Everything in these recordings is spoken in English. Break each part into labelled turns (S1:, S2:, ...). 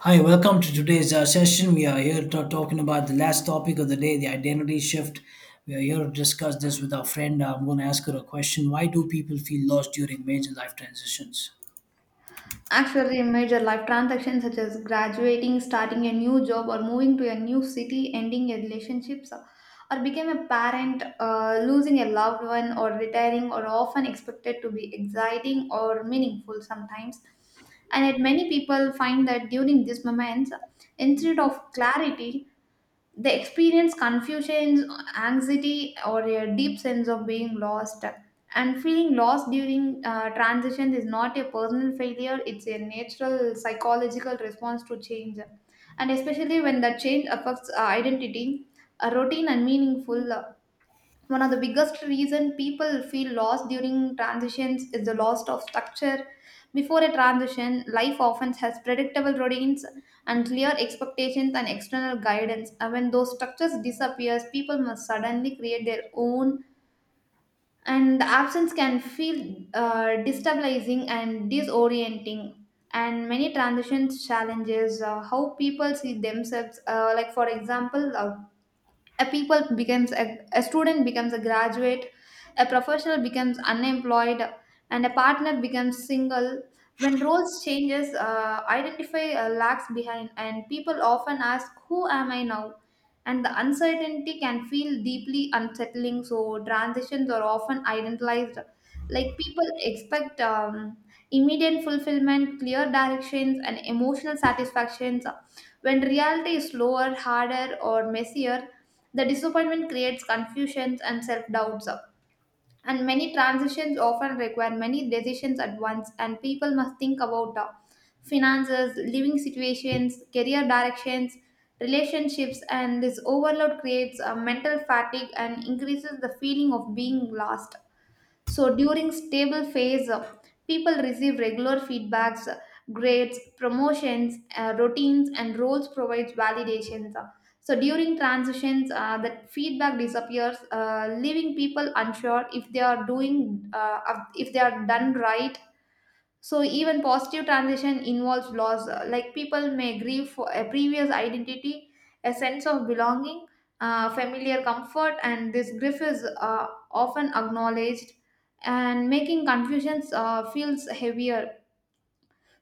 S1: Hi, welcome to today's session. We are talking about the last topic of the day, the identity shift. We are here to discuss this with our friend. I'm going to ask her a question. Why do people feel lost during major life transitions?
S2: Actually, major life transactions such as graduating, starting a new job, or moving to a new city, ending a relationship, or became a parent, losing a loved one, or retiring are often expected to be exciting or meaningful sometimes. And yet, many people find that during these moments, instead of clarity, they experience confusion, anxiety, or a deep sense of being lost. And feeling lost during transition is not a personal failure, it's a natural psychological response to change. And especially when the change affects identity, routine, and meaningful. One of the biggest reason people feel lost during transitions is the loss of structure before a transition life often has predictable routines and clear expectations and external guidance, and when those structures disappears people must suddenly create their own, and the absence can feel destabilizing and disorienting. And many transitions challenges how people see themselves, like for example, a people becomes a student becomes a graduate, a professional becomes unemployed, and a partner becomes single. When roles changes, identify lags behind and people often ask, who am I now? And the uncertainty can feel deeply unsettling. So transitions are often idealized, like people expect immediate fulfillment, clear directions, and emotional satisfactions. When reality is slower, harder, or messier, the disappointment creates confusions and self doubts. And many transitions often require many decisions at once, and people must think about finances, living situations, career directions, relationships, and this overload creates a mental fatigue and increases the feeling of being lost. So during stable phase, people receive regular feedbacks, grades, promotions, routines, and roles provides validations. So during transitions, that feedback disappears, leaving people unsure if they are doing, if they are done right. So even positive transition involves loss. Like people may grieve for a previous identity, a sense of belonging, familiar comfort, and this grief is often acknowledged, and making confusions feels heavier.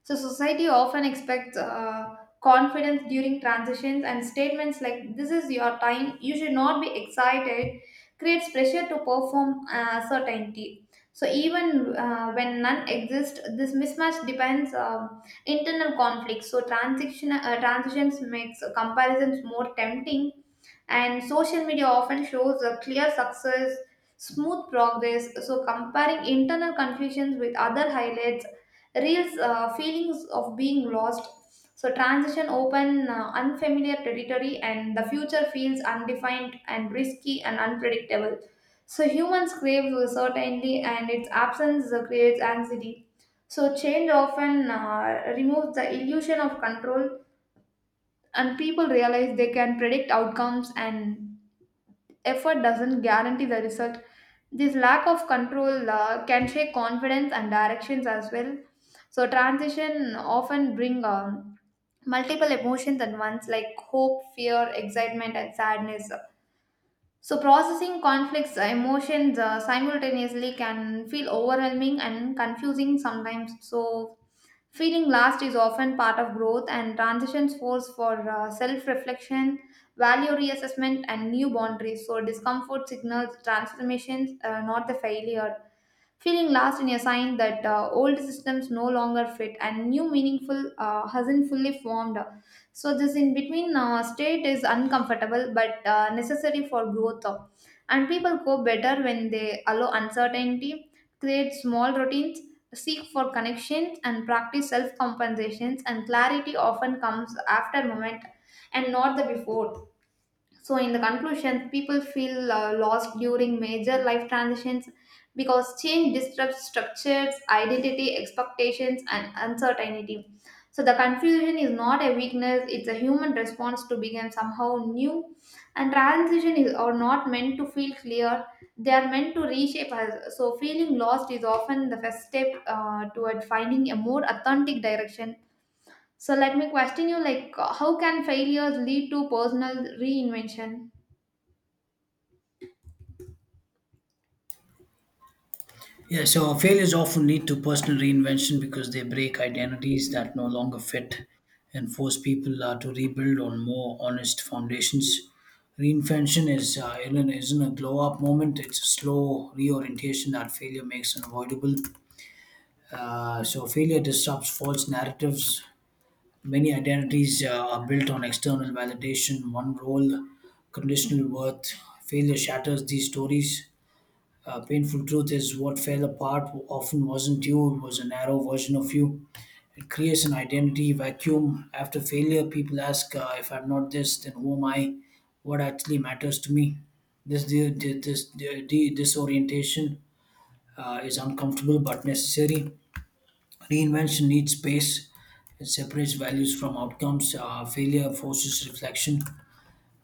S2: So, society often expects confidence during transitions, and statements like "This is your time," "You should not be excited," creates pressure to perform certainty. So, even when none exist, this mismatch depends internal conflict. So, transitions makes comparisons more tempting, and social media often shows a clear success, smooth progress. So comparing internal confusions with other highlights reels feelings of being lost. So transition open unfamiliar territory, and the future feels undefined and risky and unpredictable. So humans crave certainty and its absence creates anxiety. So change often removes the illusion of control, and people realize they can predict outcomes and effort doesn't guarantee the result. This lack of control can shake confidence and directions as well. So transition often bring multiple emotions at once, like hope, fear, excitement, and sadness. So processing conflicts, emotions simultaneously can feel overwhelming and confusing sometimes. So feeling last is often part of growth, and transitions force for self reflection, value reassessment, and new boundaries. So, discomfort signals transformations, not the failure. Feeling lost in a sign that old systems no longer fit and new meaningful hasn't fully formed. So, this in between state is uncomfortable but necessary for growth. And people go better when they allow uncertainty, create small routines, seek for connections, and practice self compensations. And clarity often comes after moment and not the before. So, in the conclusion, people feel lost during major life transitions because change disrupts structures, identity, expectations, and uncertainty. So, the confusion is not a weakness, it's a human response to become somehow new. And are not meant to feel clear, they are meant to reshape us. So, feeling lost is often the first step toward finding a more authentic direction. So, let me question you like, how can failures lead to personal reinvention?
S1: Yeah, so failures often lead to personal reinvention because they break identities that no longer fit and force people to rebuild on more honest foundations. Reinvention is isn't a glow up moment. It's a slow reorientation that failure makes unavoidable. So failure disrupts false narratives. Many identities are built on external validation, one role, conditional worth. Failure shatters these stories. Painful truth is what fell apart often wasn't you, it was a narrow version of you. It creates an identity vacuum. After failure, people ask, if I'm not this, then who am I? What actually matters to me? This, this, Disorientation is uncomfortable but necessary. Reinvention needs space. It separates values from outcomes. Failure forces reflection.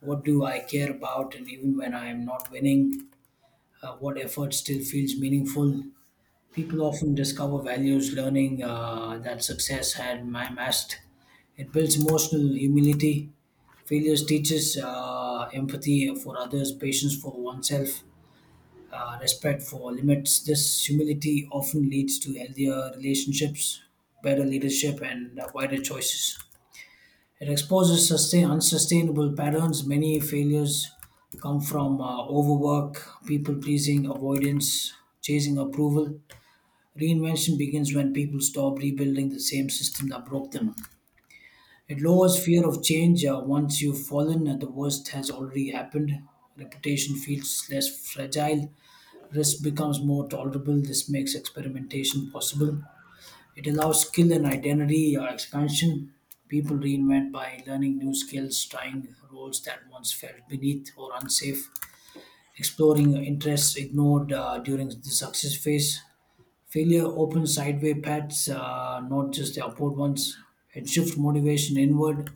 S1: What do I care about? And even when I am not winning, what effort still feels meaningful? People often discover values, learning that success had masked. It builds emotional humility. Failures teaches empathy for others, patience for oneself. Respect for limits. This humility often leads to healthier relationships, better leadership, and wider choices. It exposes unsustainable patterns. Many failures come from overwork, people pleasing, avoidance, chasing approval. Reinvention begins when people stop rebuilding the same system that broke them. It lowers fear of change. Once you've fallen, the worst has already happened. Reputation feels less fragile, risk becomes more tolerable. This makes experimentation possible. It allows skill and identity expansion. People reinvent by learning new skills, trying roles that once felt beneath or unsafe, exploring interests ignored during the success phase. Failure opens sideway paths, not just the upward ones. It shifts motivation inward.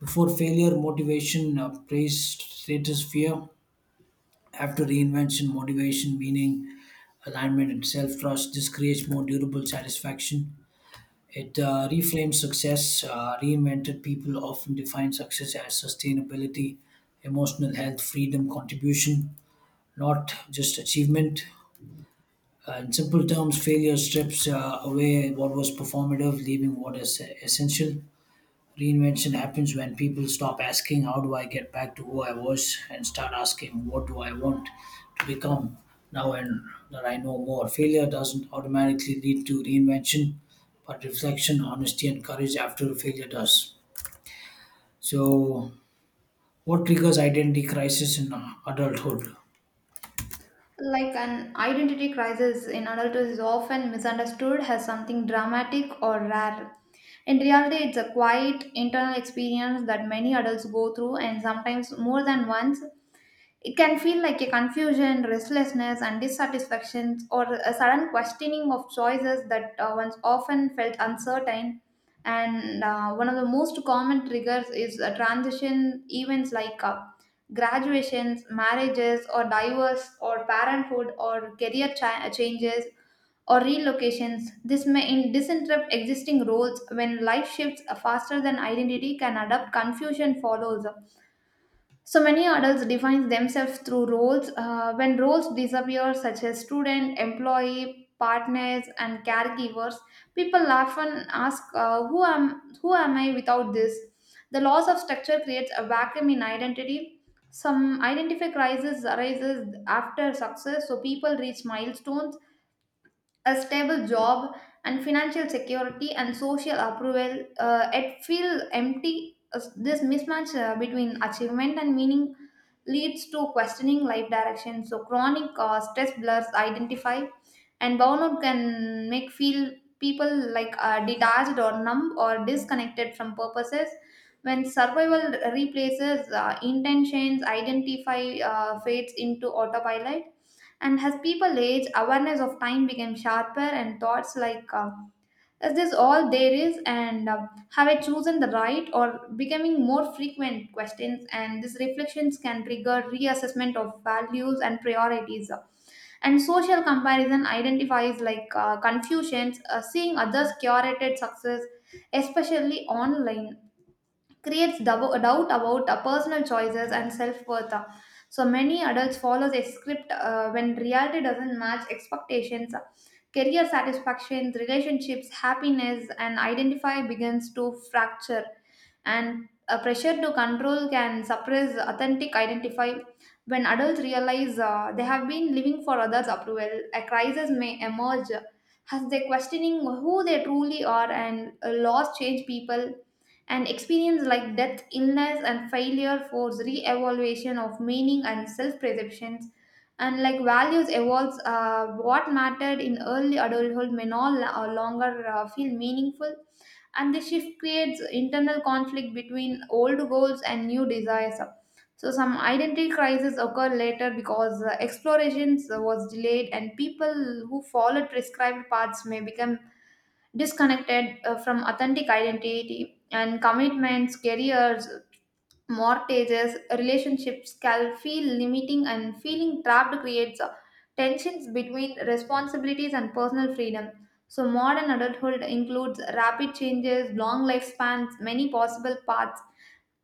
S1: Before failure, motivation, praise, status, fear. After reinvention, motivation, meaning, alignment, and self trust, this creates more durable satisfaction. It reframes success. Reinvented people often define success as sustainability, emotional health, freedom, contribution, not just achievement. In simple terms, failure strips away what was performative, leaving what is essential. Reinvention happens when people stop asking, "How do I get back to who I was?" and start asking, "What do I want to become now and that I know more?" Failure doesn't automatically lead to reinvention, but reflection, honesty, and courage after failure does. So, what triggers identity crisis in adulthood?
S2: Like an identity crisis in adulthood is often misunderstood as something dramatic or rare. In reality, it's a quiet internal experience that many adults go through, and sometimes more than once, it can feel like a confusion, restlessness, and dissatisfaction, or a sudden questioning of choices that once often felt uncertain. And one of the most common triggers is transition events like, graduations, marriages, or divorce, or parenthood, or changes, or relocations. This may disinterrupt existing roles when life shifts faster than identity can adapt. Confusion follows, so many adults define themselves through roles. When roles disappear, such as student, employee, partners, and caregivers, people often ask, Who am I without this?" The loss of structure creates a vacuum in identity. Some identity crisis arises after success, so people reach milestones, a stable job and financial security and social approval, it feel empty. As this mismatch between achievement and meaning leads to questioning life direction, so chronic stress blurs identify, and burnout can make feel people like detached or numb or disconnected from purposes. When survival replaces intentions, identify fades into autopilot. And as people age, awareness of time became sharper, and thoughts like, is this all there is? And have I chosen the right? Or becoming more frequent questions. And these reflections can trigger reassessment of values and priorities. And social comparison identifies like confusions, seeing others' curated success, especially online, creates doubt about personal choices and self-worth. So many adults follow a script when reality doesn't match expectations. Career satisfaction, relationships, happiness, and identify begins to fracture. And a pressure to control can suppress authentic identify. When adults realize they have been living for others' approval, a crisis may emerge as they questioning who they truly are. And laws change people, an experience like death, illness, and failure force re-evaluation of meaning and self-perceptions, and like values evolves. What mattered in early adulthood may no lo- longer feel meaningful, and the shift creates internal conflict between old goals and new desires. So some identity crises occur later because explorations was delayed, and people who followed prescribed paths may become disconnected from authentic identity, and commitments, careers, mortgages, relationships can feel limiting, and feeling trapped creates tensions between responsibilities and personal freedom. So modern adulthood includes rapid changes, long lifespans, many possible paths,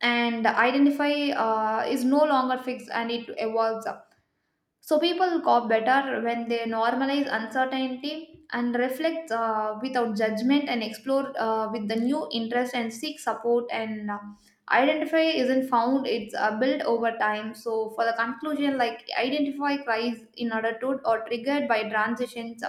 S2: and identify is no longer fixed and it evolves. So people cope better when they normalize uncertainty and reflect without judgment and explore with the new interest and seek support. And identify isn't found, it's built over time. So for the conclusion, like identify cries in order to or triggered by transitions,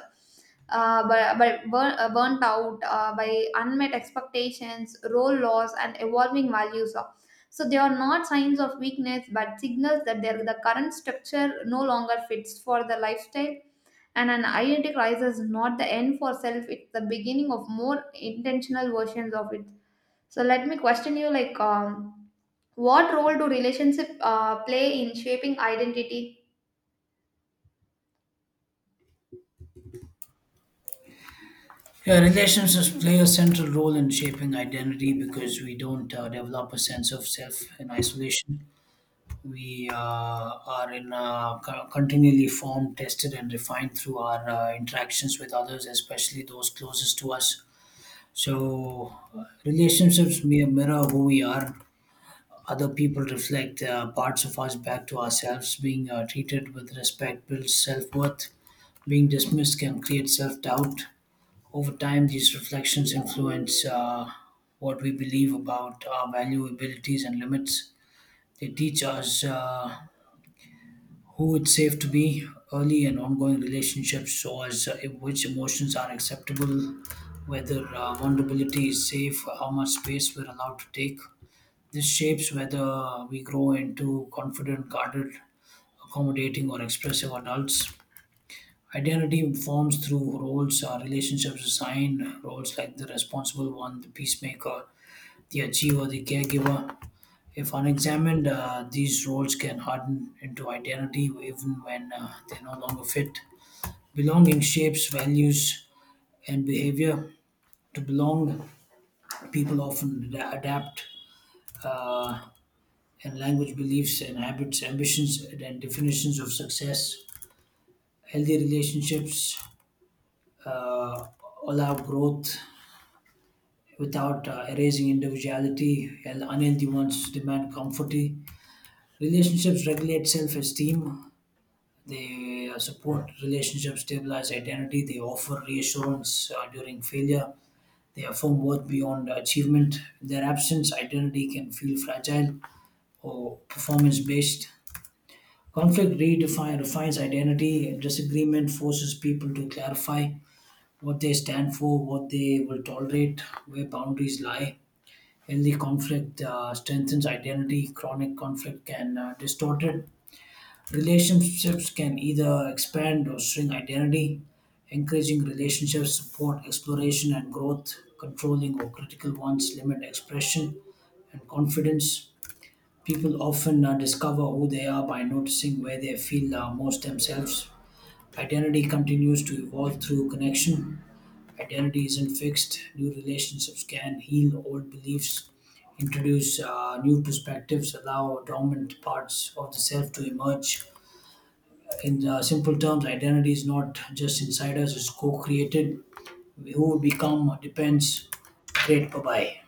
S2: by burnt out, by unmet expectations, role loss, and evolving values, so they are not signs of weakness, but signals that their the current structure no longer fits for the lifestyle. And an identity crisis is not the end for self; it's the beginning of more intentional versions of it. So let me question you: what role do relationship play in shaping identity?
S1: Yeah, relationships play a central role in shaping identity because we don't develop a sense of self in isolation. We are in continually formed, tested, and refined through our interactions with others, especially those closest to us. So, mirror who we are. Other people reflect parts of us back to ourselves. Being treated with respect builds self worth. Being dismissed can create self doubt. Over time, these reflections influence what we believe about our value, abilities, and limits. They teach us who it's safe to be, early and ongoing relationships, so as which emotions are acceptable, whether vulnerability is safe, how much space we're allowed to take. This shapes whether we grow into confident, guarded, accommodating, or expressive adults. Identity forms through roles. Relationships assign roles like the responsible one, the peacemaker, the achiever, the caregiver. If unexamined, these roles can harden into identity even when they no longer fit. Belonging shapes values and behavior. To belong, people often adapt uh, and language, beliefs, and habits, ambitions, and definitions of success. Healthy relationships uh, allow growth without erasing individuality, while unhealthy ones demand comfort. Relationships regulate self esteem. They support relationships, stabilize identity, they offer reassurance during failure, they affirm worth beyond achievement. In their absence, identity can feel fragile or performance based. Conflict redefine refines identity, disagreement forces people to clarify what they stand for, what they will tolerate, where boundaries lie. Healthy conflict strengthens identity, chronic conflict can distort it. Relationships can either expand or shrink identity. Encouraging relationships support exploration and growth. Controlling or critical ones limit expression and confidence. People often discover who they are by noticing where they feel most themselves. Identity continues to evolve through connection. Identity isn't fixed. New relationships can heal old beliefs, introduce new perspectives, allow dormant parts of the self to emerge. In simple terms, identity is not just inside us, it's co created. Who we become depends. Great, bye bye.